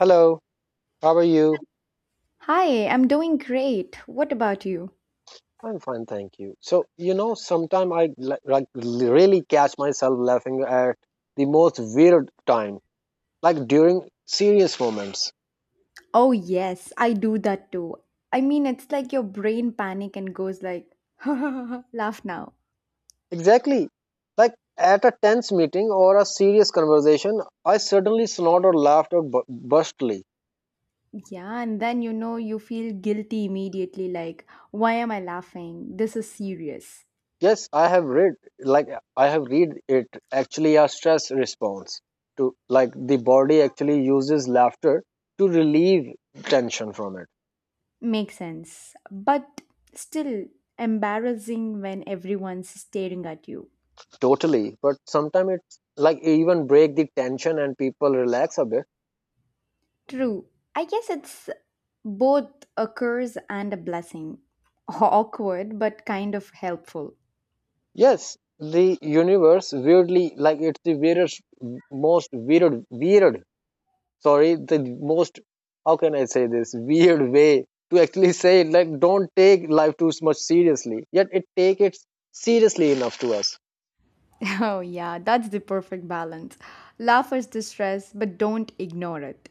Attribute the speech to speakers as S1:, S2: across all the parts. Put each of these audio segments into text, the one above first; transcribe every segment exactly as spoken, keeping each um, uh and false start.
S1: Hello, how are you?
S2: Hi, I'm doing great. What about you?
S1: I'm fine, thank you. So, you know, sometimes I li- like really catch myself laughing at the most weird time, like during serious moments.
S2: Oh, yes, I do that too. I mean, it's like your brain panic and goes like, laugh now.
S1: Exactly. Like at a tense meeting or a serious conversation, I suddenly snort or laughed or bu- burstly.
S2: Yeah, and then you know you feel guilty immediately like, why am I laughing? This is serious.
S1: Yes, I have read like I have read it actually a stress response to like the body actually uses laughter to relieve tension from it.
S2: Makes sense. But still embarrassing when everyone's staring at you.
S1: Totally, but sometimes it's like even break the tension and people relax a bit.
S2: True. I guess it's both a curse and a blessing. Awkward, but kind of helpful.
S1: Yes, the universe weirdly, like it's the weirdest, most weird weird sorry, the most, how can I say this, weird way to actually say it, like don't take life too much seriously yet it take it seriously enough to us.
S2: Oh, yeah, that's the perfect balance. Laugh at the stress, but don't ignore it.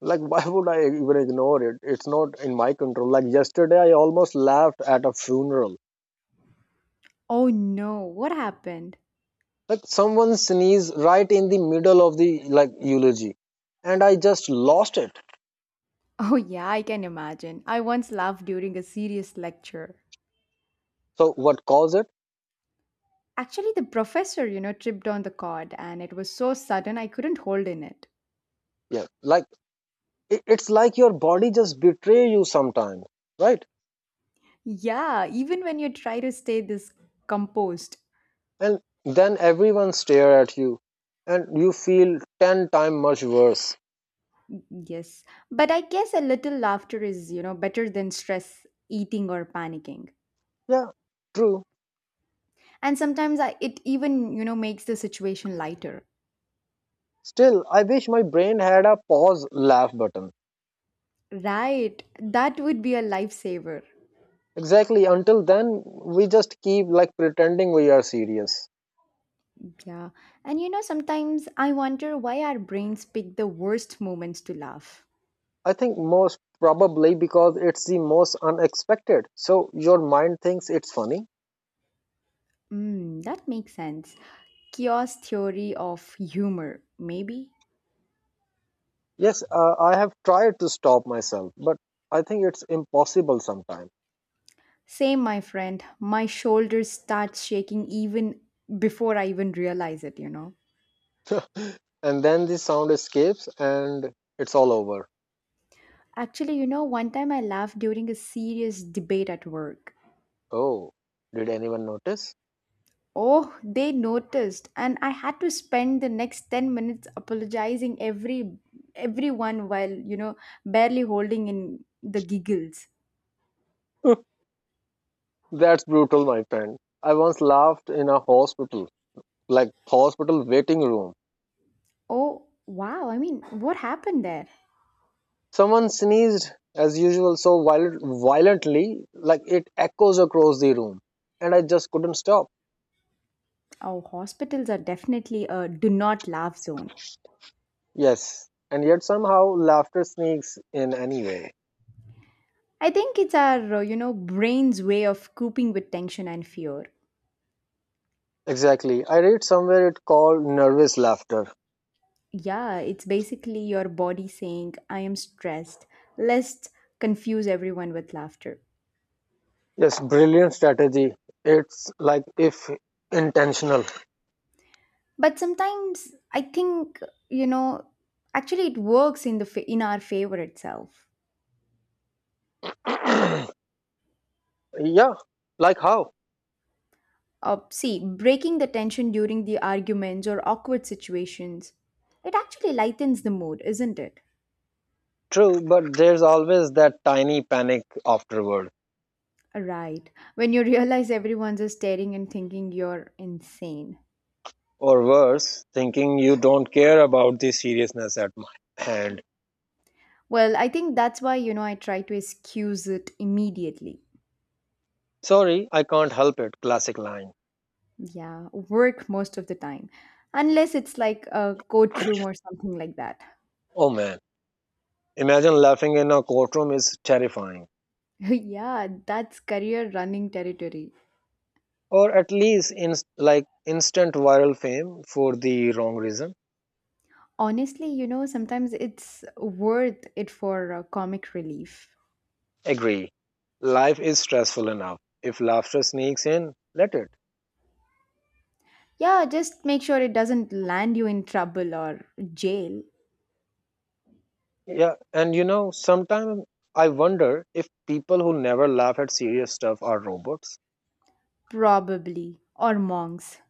S1: Like why would I even ignore it? It's not in my control. Like yesterday I almost laughed at a funeral.
S2: Oh no, what happened?
S1: Like someone sneezed right in the middle of the, like, eulogy, and I just lost it.
S2: Oh, yeah, I can imagine. I once laughed during a serious lecture.
S1: So what caused it?
S2: Actually, the professor, you know, tripped on the cord and it was so sudden I couldn't hold in it.
S1: Yeah, like it, it's like your body just betray you sometimes, right?
S2: Yeah, even when you try to stay this composed.
S1: And then everyone stare at you and you feel ten times much worse.
S2: Yes, but I guess a little laughter is, you know, better than stress eating or panicking.
S1: Yeah, true.
S2: And sometimes I, it even, you know, makes the situation lighter.
S1: Still I wish my brain had a pause laugh button.
S2: Right, that would be a lifesaver.
S1: Exactly, until then we just keep like pretending we are serious.
S2: Yeah, and you know, sometimes I wonder why our brains pick the worst moments to laugh.
S1: I think most probably because it's the most unexpected. So your mind thinks it's funny.
S2: Mm, that makes sense. Chaos theory of humor, maybe?
S1: Yes, uh, I have tried to stop myself, but I think it's impossible sometimes.
S2: Same, my friend. My shoulders start shaking even before I even realize it, you know.
S1: And then the sound escapes and it's all over.
S2: Actually, you know, one time I laughed during a serious debate at work.
S1: Oh, did anyone notice?
S2: Oh, they noticed, and I had to spend the next ten minutes apologizing every everyone while, you know, barely holding in the giggles.
S1: That's brutal, my friend. I once laughed in a hospital, like hospital waiting room.
S2: Oh, wow. I mean, what happened there?
S1: Someone sneezed as usual so violent, violently, like it echoes across the room, and I just couldn't stop.
S2: Oh, hospitals are definitely a do not laugh zone.
S1: Yes, and yet somehow laughter sneaks in anyway.
S2: I think it's our, uh, you know, brain's way of coping with tension and fear.
S1: Exactly. I read somewhere it called nervous laughter.
S2: Yeah, it's basically your body saying, I am stressed. Let's confuse everyone with laughter.
S1: Yes, brilliant strategy. It's like if intentional.
S2: But sometimes I think, you know actually it works in the fa- in our favor itself.
S1: Yeah, like how?
S2: Uh, see breaking the tension during the arguments or awkward situations, it actually lightens the mood, isn't it?
S1: True, but there's always that tiny panic afterward.
S2: Right, when you realize everyone's just staring and thinking you're insane.
S1: Or worse, thinking you don't care about the seriousness at my hand.
S2: Well, I think that's why, you know I try to excuse it immediately.
S1: Sorry, I can't help it. Classic line.
S2: Yeah, work most of the time, unless it's like a courtroom or something like that.
S1: Oh man, imagine laughing in a courtroom is terrifying.
S2: Yeah, that's career running territory.
S1: Or at least in like instant viral fame for the wrong reason.
S2: Honestly, you know, sometimes it's worth it for uh, comic relief.
S1: Agree. Life is stressful enough. If laughter sneaks in, let it.
S2: Yeah, just make sure it doesn't land you in trouble or jail.
S1: Yeah, and you know, sometimes I wonder if people who never laugh at serious stuff are robots.
S2: Probably, or monks.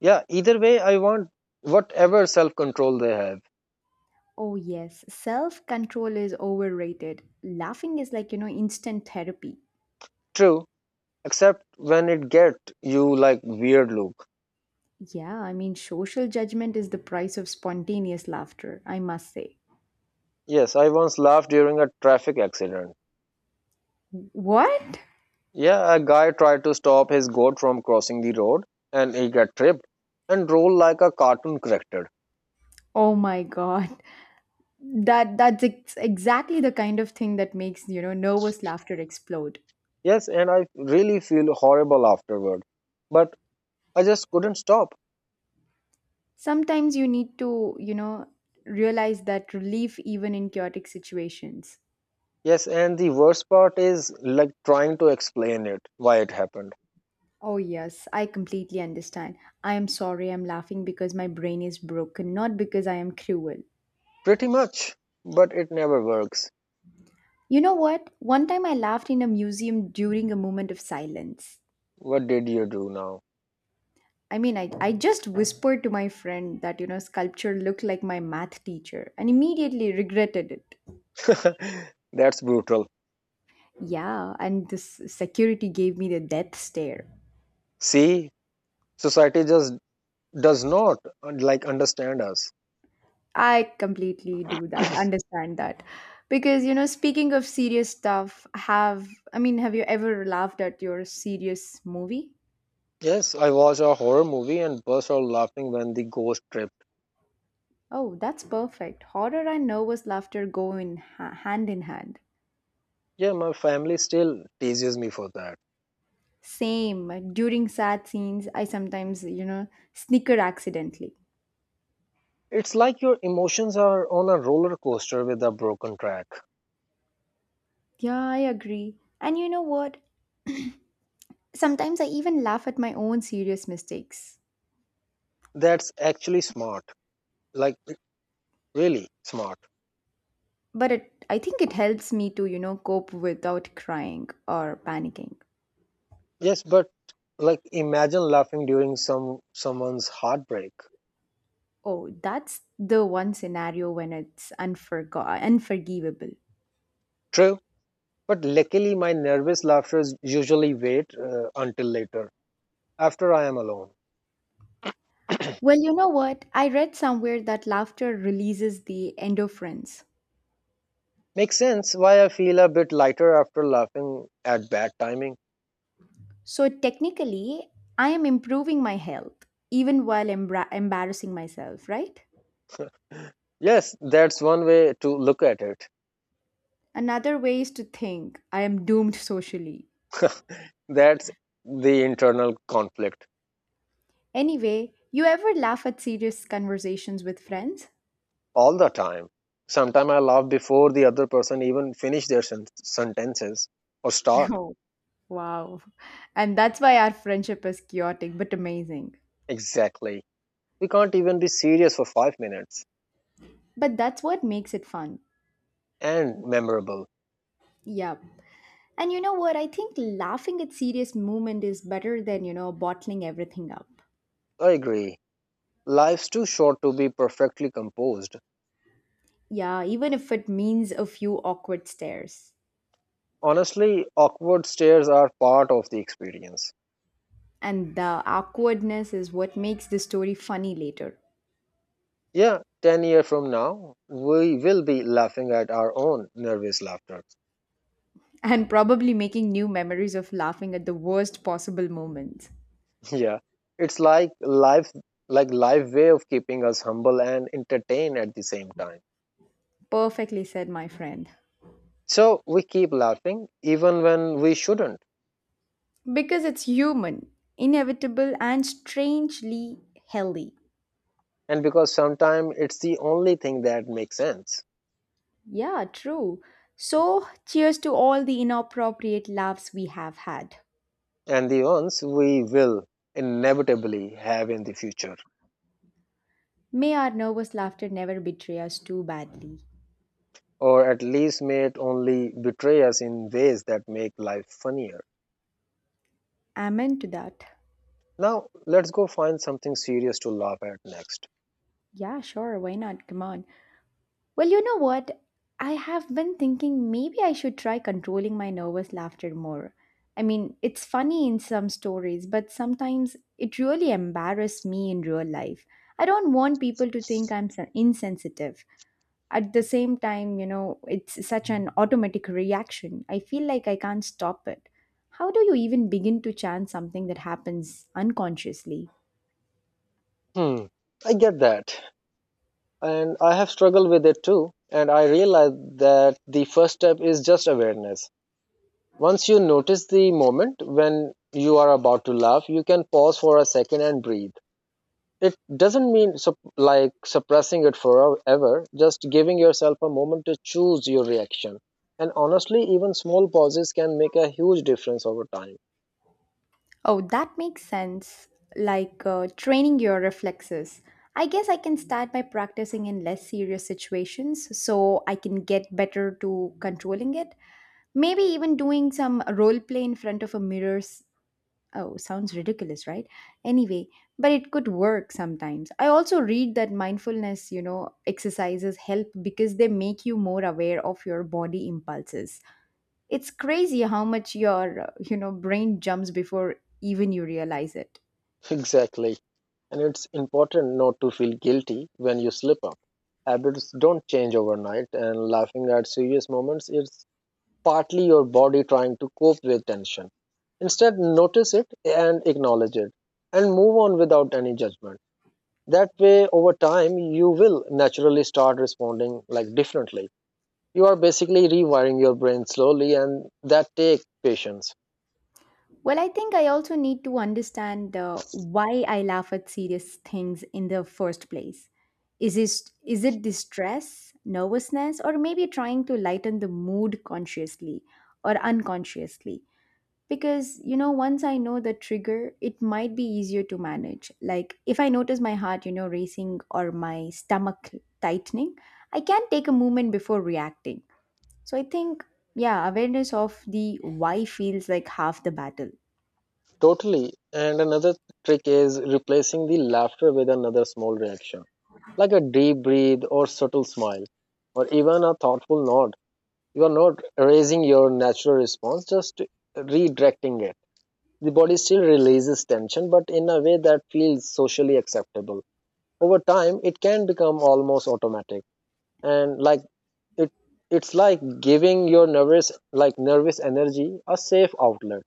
S1: Yeah, either way, I want whatever self control they have.
S2: Oh, yes, self control is overrated. Laughing is like, you know, instant therapy.
S1: True, except when it get you like weird look.
S2: Yeah, I mean, social judgment is the price of spontaneous laughter, I must say.
S1: Yes, I once laughed during a traffic accident.
S2: What?
S1: Yeah, a guy tried to stop his goat from crossing the road and he got tripped and rolled like a cartoon character.
S2: Oh my god. That that's ex- exactly the kind of thing that makes, you know, nervous laughter explode.
S1: Yes, and I really feel horrible afterward. But I just couldn't stop.
S2: Sometimes you need to, you know, realize that relief even in chaotic situations.
S1: Yes, and the worst part is like trying to explain it, why it happened.
S2: Oh yes, I completely understand. I am sorry I'm laughing because my brain is broken, not because I am cruel.
S1: Pretty much. But it never works.
S2: You know what? One time I laughed in a museum during a moment of silence.
S1: What did you do now?
S2: I mean, I, I just whispered to my friend that, you know, sculpture looked like my math teacher and immediately regretted it.
S1: That's brutal.
S2: Yeah, and this security gave me the death stare.
S1: See, society just does not uh, like understand us.
S2: I completely do that, understand that. Because, you know, speaking of serious stuff, have, I mean, have you ever laughed at your serious movie?
S1: Yes, I watched a horror movie and burst out laughing when the ghost tripped.
S2: Oh, that's perfect. Horror and nervous laughter go in ha- hand in hand.
S1: Yeah, my family still teases me for that.
S2: Same. During sad scenes, I sometimes, you know, snicker accidentally.
S1: It's like your emotions are on a roller coaster with a broken track.
S2: Yeah, I agree. And you know what? Sometimes I even laugh at my own serious mistakes.
S1: That's actually smart. Like really smart.
S2: But it, I think it helps me to, you know, cope without crying or panicking.
S1: Yes, but like imagine laughing during some someone's heartbreak.
S2: Oh, that's the one scenario when it's unforg- unforgivable.
S1: True, but luckily my nervous laughters usually wait uh, until later, after I am alone.
S2: Well, you know what? I read somewhere that laughter releases the endorphins.
S1: Makes sense why I feel a bit lighter after laughing at bad timing.
S2: So technically, I am improving my health even while embra- embarrassing myself, right?
S1: Yes, that's one way to look at it.
S2: Another way is to think I am doomed socially.
S1: That's the internal conflict.
S2: Anyway, you ever laugh at serious conversations with friends?
S1: All the time. Sometimes I laugh before the other person even finish their sen- sentences or start.
S2: Oh. Wow. And that's why our friendship is chaotic but amazing.
S1: Exactly. We can't even be serious for five minutes
S2: But that's what makes it fun.
S1: and memorable.
S2: Yep. And you know what? I think laughing at serious moment is better than, you know, bottling everything up.
S1: I agree. Life's too short to be perfectly composed.
S2: Yeah, even if it means a few awkward stares.
S1: Honestly, awkward stares are part of the experience.
S2: And the awkwardness is what makes the story funny later.
S1: Yeah, ten years from now, we will be laughing at our own nervous laughter.
S2: And probably making new memories of laughing at the worst possible moments.
S1: Yeah, it's like life, like life way of keeping us humble and entertained at the same time.
S2: Perfectly said, my friend.
S1: So we keep laughing even when we shouldn't,
S2: Because it's human, inevitable, and strangely healthy.
S1: and because sometimes it's the only thing that makes sense,
S2: Yeah, true. So, cheers to all the inappropriate laughs we have had.
S1: and the ones we will inevitably have in the future,
S2: May our nervous laughter never betray us too badly.
S1: or at least may it only betray us in ways that make life funnier.
S2: Amen to that.
S1: Now let's go find something serious to laugh at next.
S2: Yeah, sure, why not? Come on. Well, you know what? I have been thinking maybe I should try controlling my nervous laughter more. I mean, it's funny in some stories, but sometimes it really embarrasses me in real life. I don't want people to think I'm sen- insensitive. At the same time, you know, it's such an automatic reaction. I feel like I can't stop it. How do you even begin to chant something that happens unconsciously?
S1: Hmm, I get that. And I have struggled with it too, and I realized that the first step is just awareness. Once you notice the moment when you are about to laugh, you can pause for a second and breathe. It doesn't mean sup- like suppressing it forever, just giving yourself a moment to choose your reaction. And honestly, even small pauses can make a huge difference over time.
S2: Oh, that makes sense. Like uh, training your reflexes. I guess I can start by practicing in less serious situations so I can get better to controlling it. Maybe even doing some role play in front of a mirror. s- Oh, sounds ridiculous, right? Anyway, but it could work sometimes. I also read that mindfulness, you know, exercises help because they make you more aware of your body impulses. It's crazy how much your, uh, you know, brain jumps before even you realize it.
S1: Exactly. And it's important not to feel guilty when you slip up. Habits don't change overnight, and laughing at serious moments is partly your body trying to cope with tension. Instead, notice it and acknowledge it, and move on without any judgment. That way, over time, you will naturally start responding like differently. You are basically rewiring your brain slowly, and that takes patience.
S2: Well, I think I also need to understand uh, why I laugh at serious things in the first place. Is it, is it distress, nervousness, or maybe trying to lighten the mood consciously or unconsciously? Because, you know, once I know the trigger, it might be easier to manage. Like if I notice my heart, you know, racing or my stomach tightening, I can take a moment before reacting. So I think, yeah, awareness of the why feels like half the battle.
S1: Totally. And another trick is replacing the laughter with another small reaction, like a deep breath or subtle smile or even a thoughtful nod. You are not raising your natural response, just redirecting it. The body still releases tension, but in a way that feels socially acceptable. Over time, it can become almost automatic, and like it, it's like giving your nervous, like nervous energy, a safe outlet.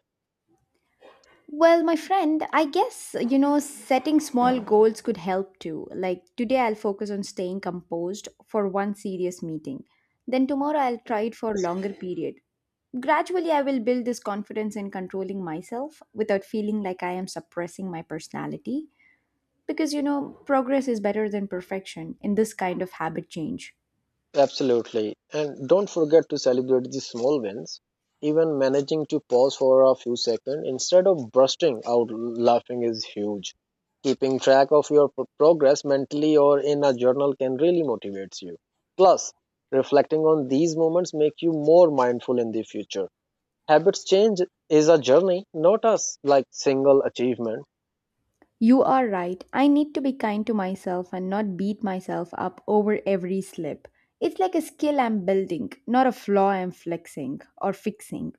S2: Well, my friend, I guess, you know, setting small goals could help too. Like today, I'll focus on staying composed for one serious meeting. Then tomorrow, I'll try it for a longer period. Gradually, I will build this confidence in controlling myself without feeling like I am suppressing my personality. Because, you know, progress is better than perfection in this kind of habit change.
S1: Absolutely. And don't forget to celebrate the small wins. Even managing to pause for a few seconds instead of bursting out laughing is huge. Keeping track of your pro- progress mentally or in a journal can really motivates you. Plus, reflecting on these moments make you more mindful in the future. Habits change is a journey, not a s- like single achievement.
S2: You are right. I need to be kind to myself and not beat myself up over every slip. It's like a skill I'm building, not a flaw I'm flexing or fixing.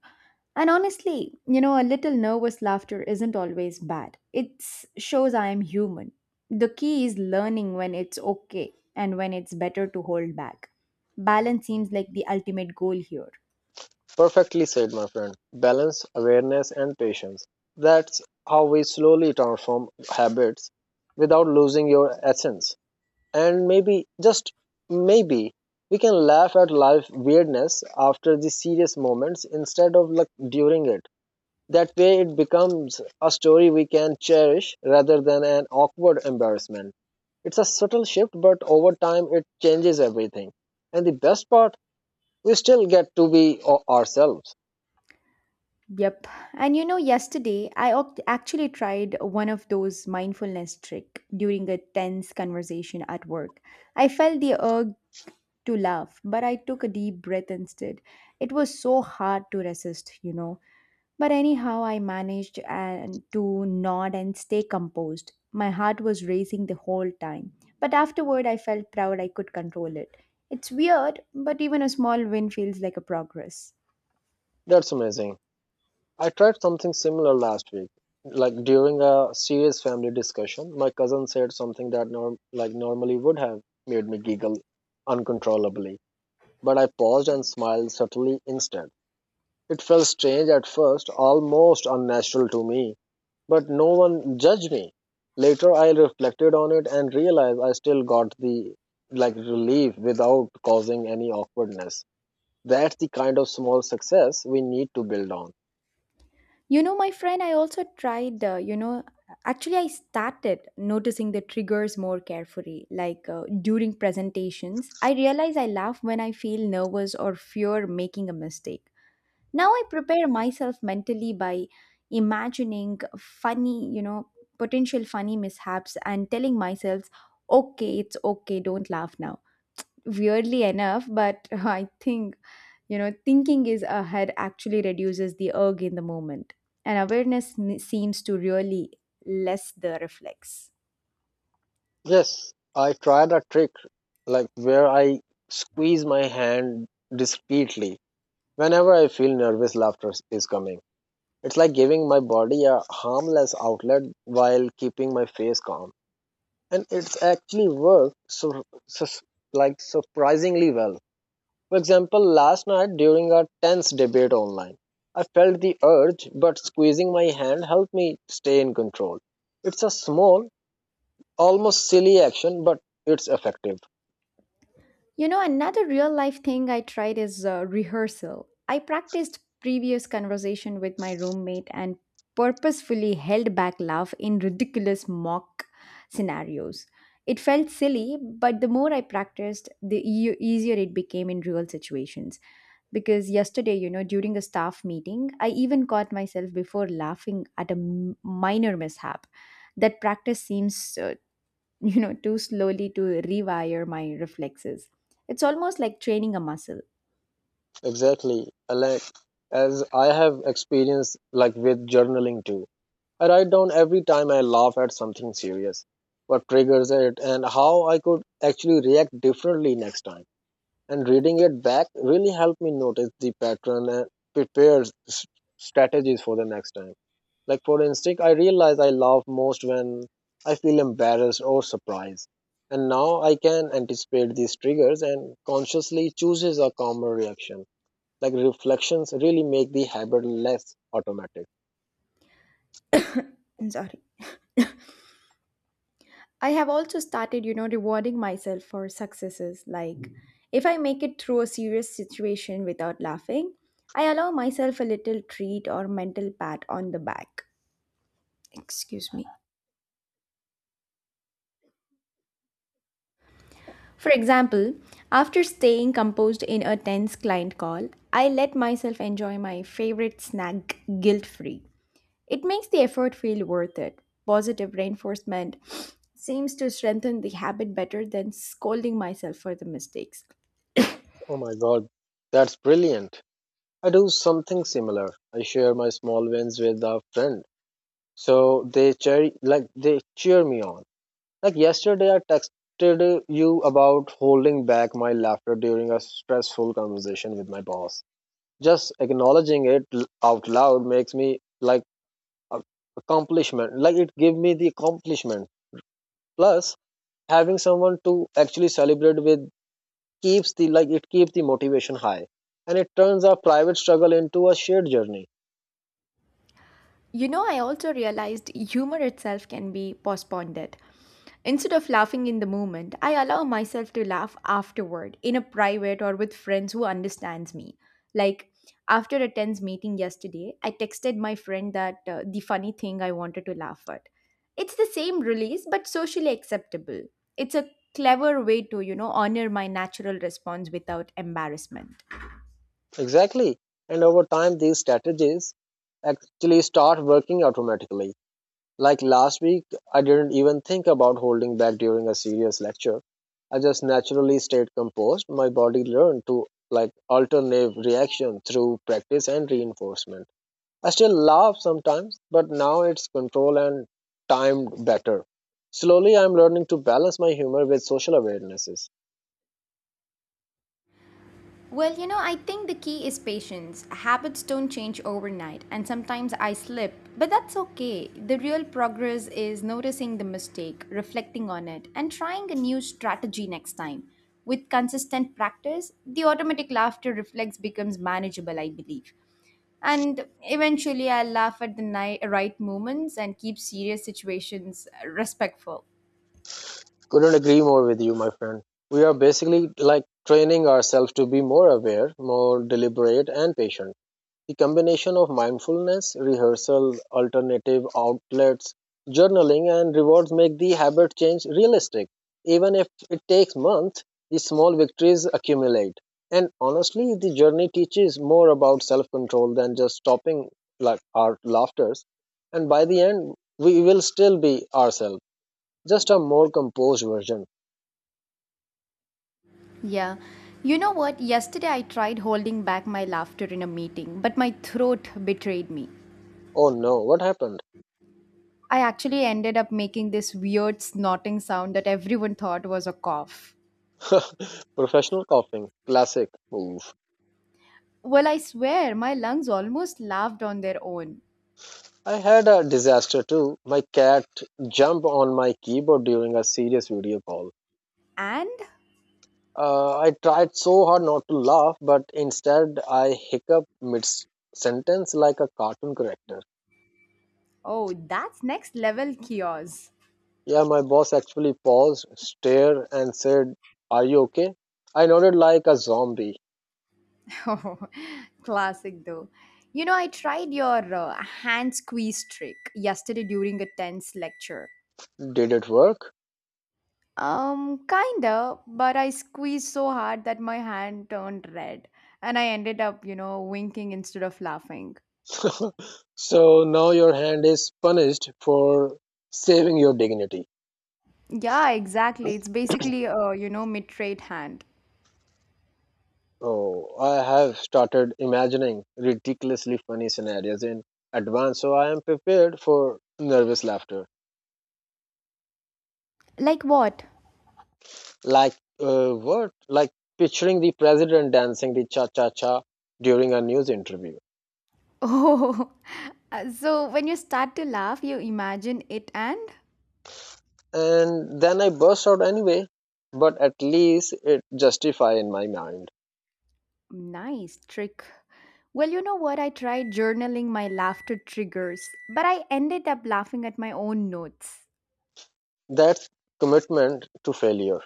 S2: And honestly, you know, a little nervous laughter isn't always bad. It shows I am human. The key is learning when it's okay and when it's better to hold back. Balance seems like the ultimate goal here.
S1: Perfectly said, my friend. Balance, awareness, and patience. That's how we slowly transform habits without losing your essence. And maybe, just maybe, we can laugh at life weirdness after the serious moments instead of like during it. That way, it becomes a story we can cherish rather than an awkward embarrassment. It's a subtle shift, but over time, it changes everything. And the best part, we still get to be o- ourselves.
S2: Yep. And you know, yesterday I oct- actually tried one of those mindfulness trick during a tense conversation at work. I felt the urge to laugh, but I took a deep breath instead. It was so hard to resist, you know. But anyhow, I managed and to nod and stay composed. My heart was racing the whole time, but afterward I felt proud I could control it. It's weird, but even a small win feels like a progress.
S1: That's amazing. I tried something similar last week. Like during a serious family discussion, my cousin said something that norm like normally would have made me giggle uncontrollably, but I paused and smiled subtly instead. It felt strange at first, almost unnatural to me, but no one judged me. Later I reflected on it and realized I still got the like relief without causing any awkwardness. That's the kind of small success we need to build on.
S2: You know, my friend, I also tried, uh, you know, actually, I started noticing the triggers more carefully. Like uh, during presentations, I realize I laugh when I feel nervous or fear making a mistake. Now I prepare myself mentally by imagining funny, you know, potential funny mishaps and telling myself, okay, it's okay, don't laugh now. Weirdly enough, but I think you know, thinking is ahead actually reduces the urge in the moment, and awareness n- seems to really less the reflex.
S1: Yes, I tried a trick like where I squeeze my hand discreetly whenever I feel nervous laughter is is coming. It's like giving my body a harmless outlet while keeping my face calm. And it's actually worked so, so like surprisingly well. For example, last night during a tense debate online, I felt the urge, but squeezing my hand helped me stay in control. It's a small, almost silly action, but it's effective.
S2: You know, another real life thing I tried is uh, rehearsal. I practiced previous conversation with my roommate and purposefully held back laugh in ridiculous mock scenarios. It felt silly, but the more I practiced, the e- easier it became in real situations. Because yesterday, you know during a staff meeting, I even caught myself before laughing at a m- minor mishap. That practice seems uh, you know too slowly to rewire my reflexes. It's almost like training a muscle.
S1: Exactly. Uh, Like as I have experience like with journaling too. I write down every time I laugh at something serious, what triggers it and how I could actually react differently next time. And reading it back really helped me notice the pattern and prepare s- strategies for the next time. Like for instance, I realize I laugh most when I feel embarrassed or surprised. And now I can anticipate these triggers and consciously chooses a calmer reaction, like reflections really make the habit less automatic.
S2: I'm sorry. I have also started, you know rewarding myself for successes. Like if I make it through a serious situation without laughing, I allow myself a little treat or mental pat on the back. Excuse me. For example, after staying composed in a tense client call, I let myself enjoy my favorite snack guilt free. It makes the effort feel worth it. Positive reinforcement seems to strengthen the habit better than scolding myself for the mistakes.
S1: Oh my god, that's brilliant. I do something similar. I share my small wins with a friend. So they cheer, like they cheer me on. Like yesterday I texted you about holding back my laughter during a stressful conversation with my boss. Just acknowledging it l- out loud makes me like a accomplishment. Like it gave me the accomplishment. Plus having someone to actually celebrate with keeps the, like it keeps the motivation high, and it turns our private struggle into a shared journey.
S2: You know, I also realized humor itself can be postponed. Instead of laughing in the moment, I allow myself to laugh afterward in a private or with friends who understands me. Like after a tense meeting yesterday, I texted my friend that uh, the funny thing I wanted to laugh at. It's the same release but socially acceptable. It's a clever way to, you know, honor my natural response without embarrassment.
S1: Exactly, and over time these strategies actually start working automatically. Like last week I didn't even think about holding back during a serious lecture. I just naturally stayed composed. My body learned to, like, alternate reaction through practice and reinforcement. I still laugh sometimes, but now it's controlled and timed better. Slowly, I'm learning to balance my humor with social awarenesses.
S2: Well, you know, I think the key is patience. Habits don't change overnight, and sometimes I slip, but that's okay. The real progress is noticing the mistake, reflecting on it, and trying a new strategy next time. With consistent practice, the automatic laughter reflex becomes manageable, I believe. And eventually, I'll laugh at the ni- right moments and keep serious situations respectful.
S1: Couldn't agree more with you, my friend. We are basically like training ourselves to be more aware, more deliberate, and patient. The combination of mindfulness, rehearsal, alternative outlets, journaling, and rewards make the habit change realistic. Even if it takes months, the small victories accumulate. And honestly, the journey teaches more about self control than just stopping like our laughters. And by the end, we will still be ourselves, just a more composed version.
S2: Yeah. You know what? Yesterday I tried holding back my laughter in a meeting, but my throat betrayed me.
S1: Oh no, what happened?
S2: I actually ended up making this weird snorting sound that everyone thought was a cough.
S1: Professional coughing, classic. Oof.
S2: Well, I swear, my lungs almost laughed on their own.
S1: I had a disaster too. My cat jumped on my keyboard during a serious video call.
S2: And
S1: Uh, I tried so hard not to laugh, but instead I hiccuped mid sentence like a cartoon character.
S2: oh, that's next level chaos.
S1: Yeah, my boss actually paused, stared, and said, are you okay? I nodded like a zombie.
S2: Oh, classic though. You know, I tried your uh, hand squeeze trick yesterday during a tense lecture.
S1: Did it work?
S2: Um, kinda, but I squeezed so hard that my hand turned red and I ended up, you know, winking instead of laughing.
S1: So now your hand is punished for saving your dignity.
S2: Yeah, exactly. It's basically a, you know, mitrate hand.
S1: Oh, I have started imagining ridiculously funny scenarios in advance, so I am prepared for nervous laughter.
S2: Like what?
S1: Like uh, what? Like picturing the president dancing the cha cha cha during a news interview,
S2: Oh, uh, so when you start to laugh, you imagine it, and
S1: and then I burst out anyway. But at least it justify in my mind
S2: nice trick. Well, you know what? I tried journaling my laughter triggers, but I ended up laughing at my own notes.
S1: that commitment to failure.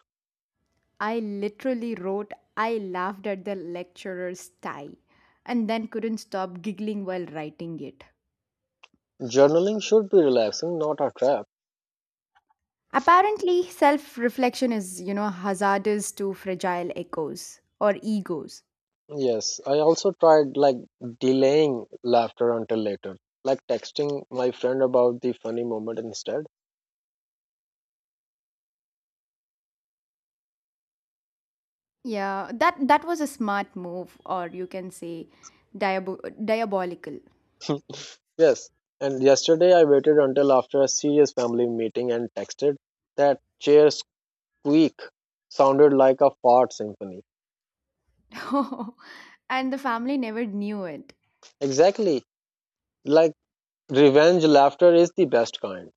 S2: I literally wrote, I laughed at the lecturer's tie, and then couldn't stop giggling while writing it.
S1: Journaling should be relaxing, not a trap.
S2: Apparently, self reflection is, you know, hazardous to fragile echoes or egos.
S1: Yes, I also tried like delaying laughter until later, like texting my friend about the funny moment instead.
S2: Yeah, that, that was a smart move, or you can say diabo- diabolical.
S1: Yes, and yesterday I waited until after a serious family meeting and texted that chair squeak sounded like a fart symphony.
S2: And the family never knew it.
S1: Exactly, like revenge laughter is the best kind.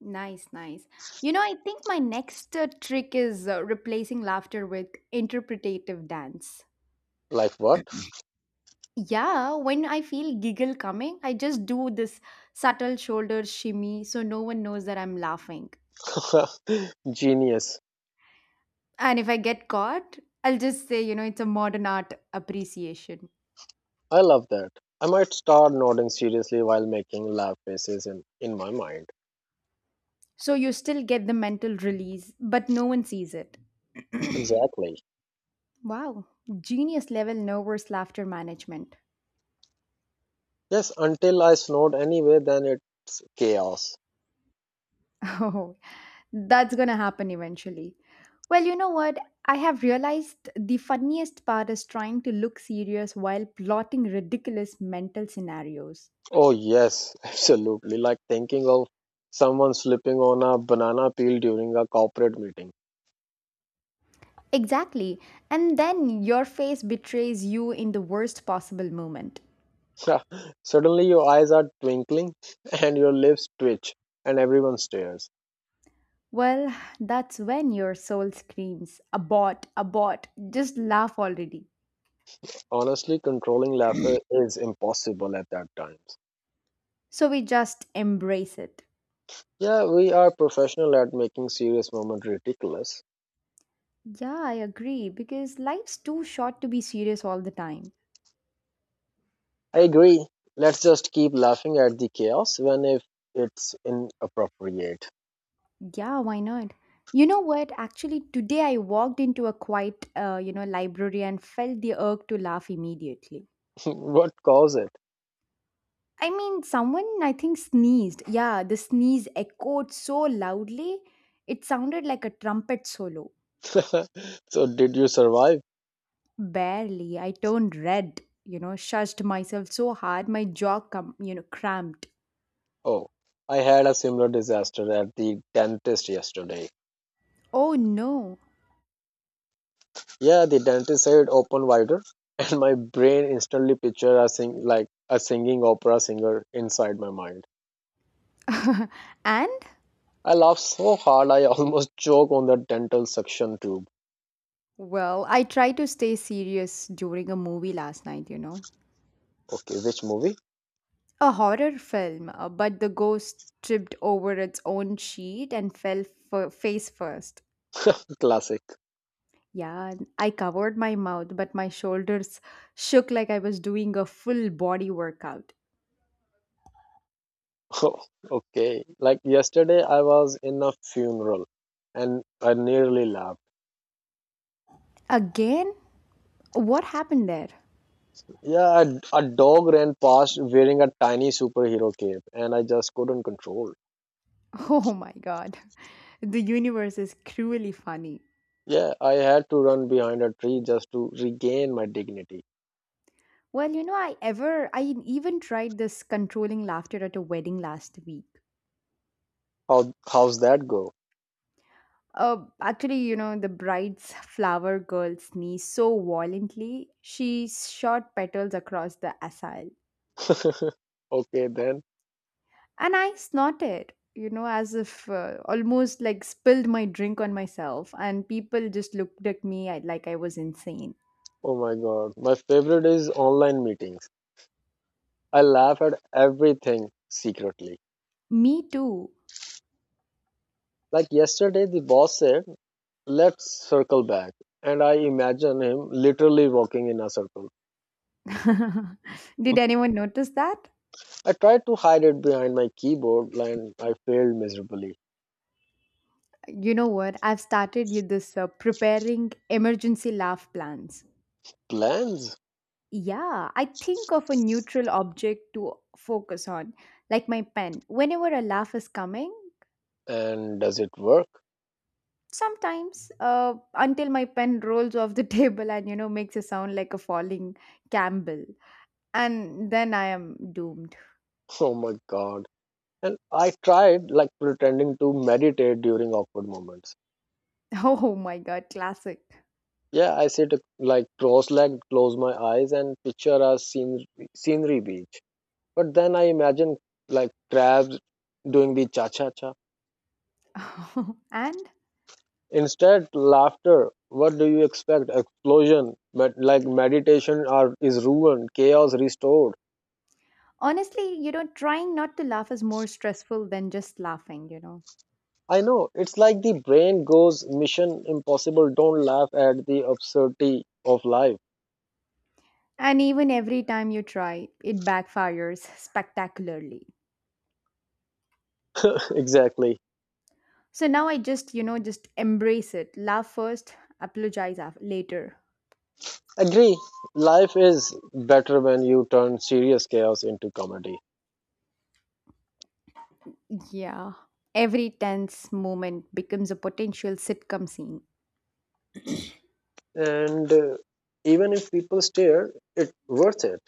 S2: Nice, nice. You know, I think my next uh, trick is uh, replacing laughter with interpretative dance.
S1: Like what?
S2: Yeah, when I feel giggle coming, I just do this subtle shoulder shimmy so no one knows that I'm laughing.
S1: Genius.
S2: And if I get caught, I'll just say, you know, it's a modern art appreciation.
S1: I love that. I might start nodding seriously while making laugh faces in, in my mind.
S2: So you still get the mental release, but no one sees it.
S1: Exactly.
S2: Wow, genius level nervous laughter management.
S1: Yes, until I snowed anyway, then it's chaos.
S2: Oh, that's gonna happen eventually. Well, you know what? I have realized the funniest part is trying to look serious while plotting ridiculous mental scenarios.
S1: Oh, yes, absolutely. Like thinking of someone slipping on a banana peel during a corporate meeting.
S2: Exactly. And then your face betrays you in the worst possible moment.
S1: Suddenly, your eyes are twinkling and your lips twitch, and everyone stares.
S2: Well, that's when your soul screams, abort, abort, just laugh already.
S1: Honestly, controlling laughter is impossible at that times.
S2: So we just embrace it.
S1: Yeah, we are professional at making serious moments ridiculous.
S2: Yeah, I agree, because life's too short to be serious all the time.
S1: I agree. Let's just keep laughing at the chaos when if it's inappropriate.
S2: Yeah, why not? You know what? Actually, today I walked into a quiet, uh, you know, library and felt the urge to laugh immediately.
S1: What caused it?
S2: I mean, someone I think sneezed. Yeah, the sneeze echoed so loudly, it sounded like a trumpet solo.
S1: So did you survive?
S2: Barely, I turned red, you know, shushed myself so hard, my jaw, com- you know, cramped.
S1: Oh, I had a similar disaster at the dentist yesterday.
S2: Oh no.
S1: Yeah, the dentist said open wider, and my brain instantly pictured a sing like a singing opera singer inside my mind.
S2: And,
S1: I laughed so hard I almost choked on the dental suction tube.
S2: well, I tried to stay serious during a movie last night, you know.
S1: Okay, which movie?
S2: A horror film, uh, but the ghost tripped over its own sheet and fell f- face first.
S1: Classic.
S2: Yeah, and I covered my mouth, but my shoulders shook like I was doing a full body workout.
S1: Okay, like yesterday I was in a funeral and I nearly laughed.
S2: Again? What happened there?
S1: Yeah, a, a dog ran past wearing a tiny superhero cape, and I just couldn't control.
S2: Oh my god. The universe is cruelly funny.
S1: Yeah, I had to run behind a tree just to regain my dignity.
S2: Well, you know, I ever I even tried this controlling laughter at a wedding last week.
S1: How how's that go?
S2: Uh, actually, you know, the bride's flower girl sneezed so violently, she shot petals across the aisle.
S1: Okay, then.
S2: And I snorted, you know, as if uh, almost like spilled my drink on myself. And people just looked at me I- like I was insane.
S1: Oh my God. My favorite is online meetings. I laugh at everything secretly.
S2: Me too.
S1: Like yesterday, the boss said, let's circle back. And I imagine him literally walking in a circle.
S2: Did anyone notice that?
S1: I tried to hide it behind my keyboard and I failed miserably.
S2: You know what? I've started you this uh, preparing emergency laugh plans.
S1: Plans?
S2: Yeah, I think of a neutral object to focus on, like my pen. Whenever a laugh is coming,
S1: And does it work?
S2: sometimes, uh, until my pen rolls off the table and you know makes a sound like a falling Campbell, and then I am doomed.
S1: Oh my god. And I tried like pretending to meditate during awkward moments.
S2: Oh my god, classic.
S1: Yeah, I sit like cross legged, close my eyes, and picture a scen- scenery beach. But then I imagine like crabs doing the cha cha cha.
S2: And
S1: Instead, laughter. What do you expect? Explosion. But like meditation are, is ruined, chaos restored.
S2: honestly, you know, trying not to laugh is more stressful than just laughing, you know.
S1: I know. It's like the brain goes mission impossible. Don't laugh at the absurdity of life.
S2: And even every time you try, it backfires spectacularly.
S1: Exactly.
S2: So now I just, you know, just embrace it. Laugh first, apologize af- later.
S1: Agree. Life is better when you turn serious chaos into comedy.
S2: Yeah. Every tense moment becomes a potential sitcom scene.
S1: And uh, even if people stare, it's worth it.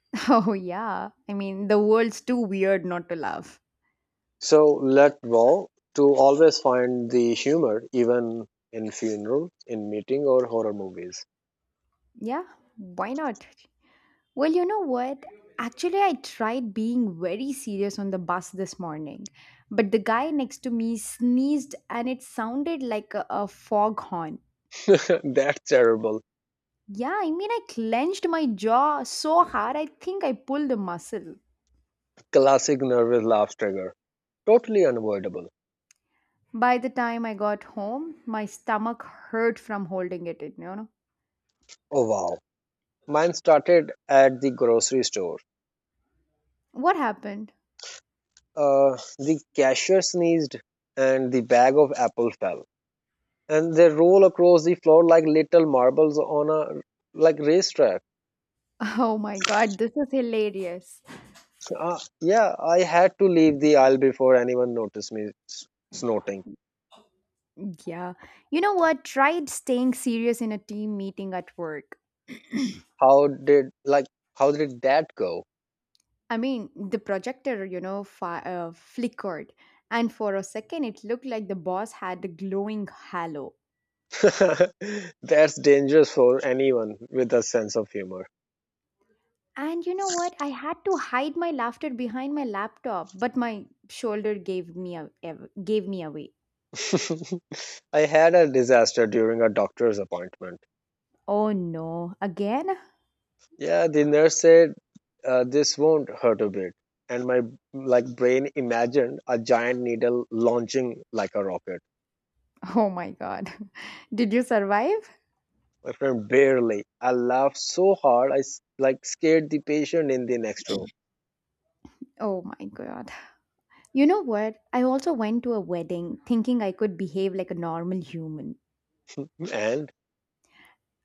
S2: Oh, yeah. I mean, the world's too weird not to laugh.
S1: So let Wall to always find the humor even in funeral, in meeting or horror movies.
S2: Yeah, why not? Well, you know what? Actually, I tried being very serious on the bus this morning, but the guy next to me sneezed and it sounded like a, a foghorn.
S1: That's terrible.
S2: Yeah, I mean, I clenched my jaw so hard, I think I pulled a muscle.
S1: Classic nervous laugh trigger. Totally unavoidable.
S2: By the time I got home, my stomach hurt from holding it in, you know?
S1: Oh wow. Mine started at the grocery store.
S2: What happened?
S1: Uh, the cashier sneezed and the bag of apple fell, and they roll across the floor like little marbles on a like racetrack.
S2: Oh my god, this is hilarious.
S1: So, Uh, yeah, I had to leave the aisle before anyone noticed me s- snorting.
S2: Yeah. You know what? Tried staying serious in a team meeting at work.
S1: How did like how did that go?
S2: I mean, the projector, you know, fi- uh, flickered. And for a second, it looked like the boss had a glowing halo.
S1: That's dangerous for anyone with a sense of humor.
S2: And you know what? I had to hide my laughter behind my laptop, but my shoulder gave me a- ev- gave me away.
S1: I had a disaster during a doctor's appointment.
S2: Oh no, again?
S1: Yeah, the nurse said uh, this won't hurt a bit, and my like brain imagined a giant needle launching like a rocket.
S2: Oh my god. Did you survive?
S1: My friend, barely. I laughed so hard I s- like scared the patient in the next room.
S2: Oh my god. You know what? I also went to a wedding thinking I could behave like a normal human.
S1: And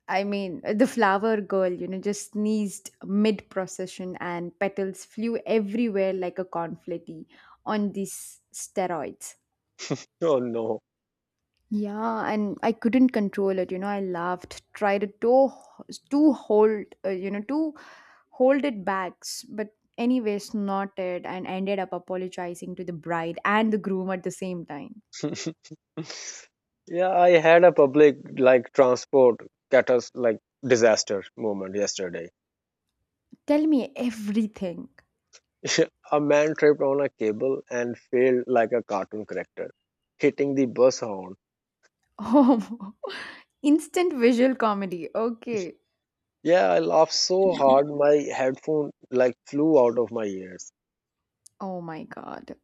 S2: I mean, uh, the flower girl, you know, just sneezed mid procession and petals flew everywhere like a confetti on these steroids.
S1: oh no.
S2: Yeah, and I couldn't control it. You know, I laughed, tried to to hold, uh, you know, to hold it back, s- but anyway, snorted and ended up apologizing to the bride and the groom at the same time.
S1: Yeah, I had a public like transport catas like disaster moment yesterday.
S2: Tell me everything.
S1: A man tripped on a cable and fell like a cartoon character, hitting the bus horn.
S2: Oh, instant visual comedy. Okay.
S1: Yeah, I laughed so hard my headphone like flew out of my ears.
S2: Oh my God.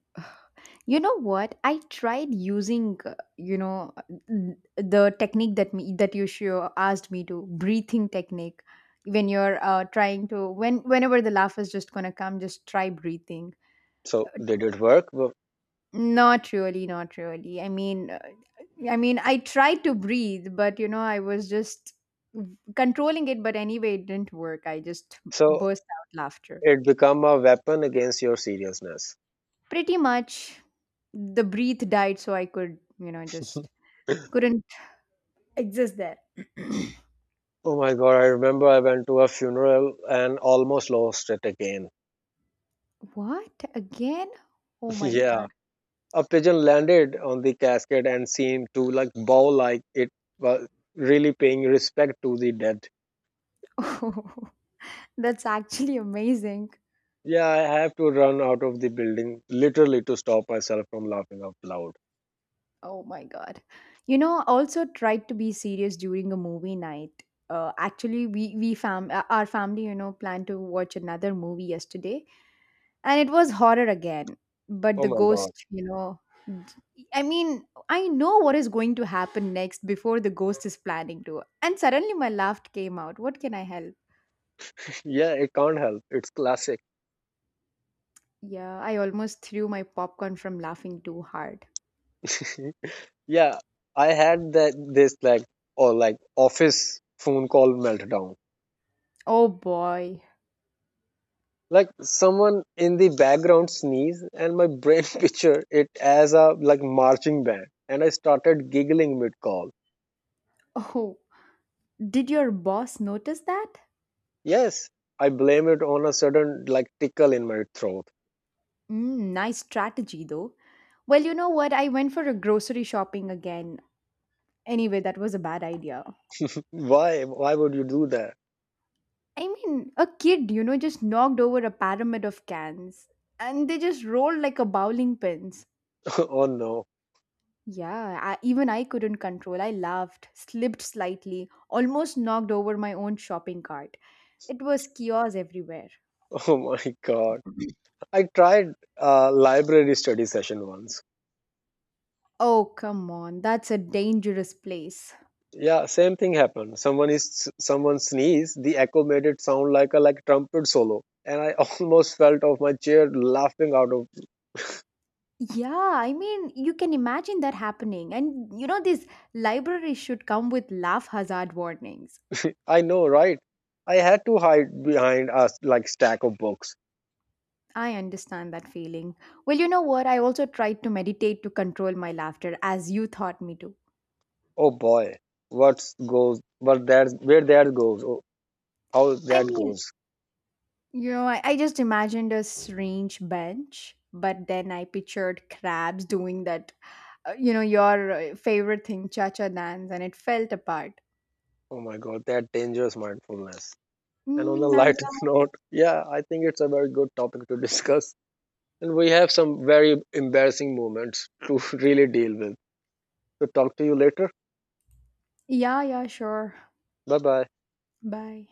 S2: You know what? I tried using, uh, you know, n- the technique that me that you sure asked me to, breathing technique. When you're uh, trying to, when whenever the laugh is just gonna come, just try breathing.
S1: So did it work? Well,
S2: Not really, not really. I mean, uh, I mean, I tried to breathe, but you know, I was just controlling it. But anyway, it didn't work. I just
S1: so
S2: burst out laughter.
S1: it become a weapon against your seriousness.
S2: Pretty much the breath died, so I could, you know, just couldn't. Exist there.
S1: Oh my God, I remember I went to a funeral and almost lost it again.
S2: What? Again? Oh my
S1: Yeah.
S2: god.
S1: A pigeon landed on the casket and seemed to like bow like it was really paying respect to the dead.
S2: That's actually amazing.
S1: Yeah, I have to run out of the building literally to stop myself from laughing out loud.
S2: Oh my god. You know, also tried to be serious during a movie night. Uh, actually, we we fam uh, our family, you know, planned to watch another movie yesterday, and it was horror again, but
S1: Oh
S2: the
S1: my God.
S2: ghost, you know, I mean, I know what is going to happen next before the ghost is planning to, and suddenly my laugh came out. What can I help?
S1: Yeah, it can't help. It's classic.
S2: Yeah, I almost threw my popcorn from laughing too hard.
S1: Yeah, I had that this like or like office phone call meltdown.
S2: Oh boy.
S1: Like someone in the background sneeze and my brain pictured it as a like marching band and I started giggling mid call.
S2: Oh, did your boss notice that?
S1: Yes, I blame it on a sudden like tickle in my throat.
S2: Mm, nice strategy though. Well, you know what? I went for a grocery shopping again. Anyway, that was a bad idea.
S1: Why why would you do that?
S2: I mean, a kid, you know, just knocked over a pyramid of cans, and they just rolled like a bowling pins.
S1: Oh no.
S2: Yeah, I, even I couldn't control. I laughed, slipped slightly, almost knocked over my own shopping cart. It was chaos everywhere.
S1: Oh my god, I tried a library study session once.
S2: Oh, come on, that's a dangerous place.
S1: Yeah, same thing happened. Someone is someone sneezed, the echo made it sound like a like trumpet solo and I almost fell off my chair laughing out of.
S2: Yeah, I mean, you can imagine that happening. And you know, these libraries should come with laugh hazard warnings.
S1: I know, right? I had to hide behind us like stack of books.
S2: I understand that feeling. Well, you know what? I also tried to meditate to control my laughter as you taught me to.
S1: Oh boy, what's goes? What that? Where that goes? Oh, how
S2: I
S1: that
S2: mean,
S1: goes?
S2: you know, I, I just imagined a strange bench, but then I pictured crabs doing that, uh, you know, your uh, favorite thing, cha cha dance, and it felt apart.
S1: Oh my God, that dangerous mindfulness. And on a
S2: Mm, I,
S1: lighter note, yeah, I think it's a very good topic to discuss. And we have some very embarrassing moments to really deal with. So talk to you later.
S2: yeah, yeah, sure.
S1: Bye bye.
S2: Bye.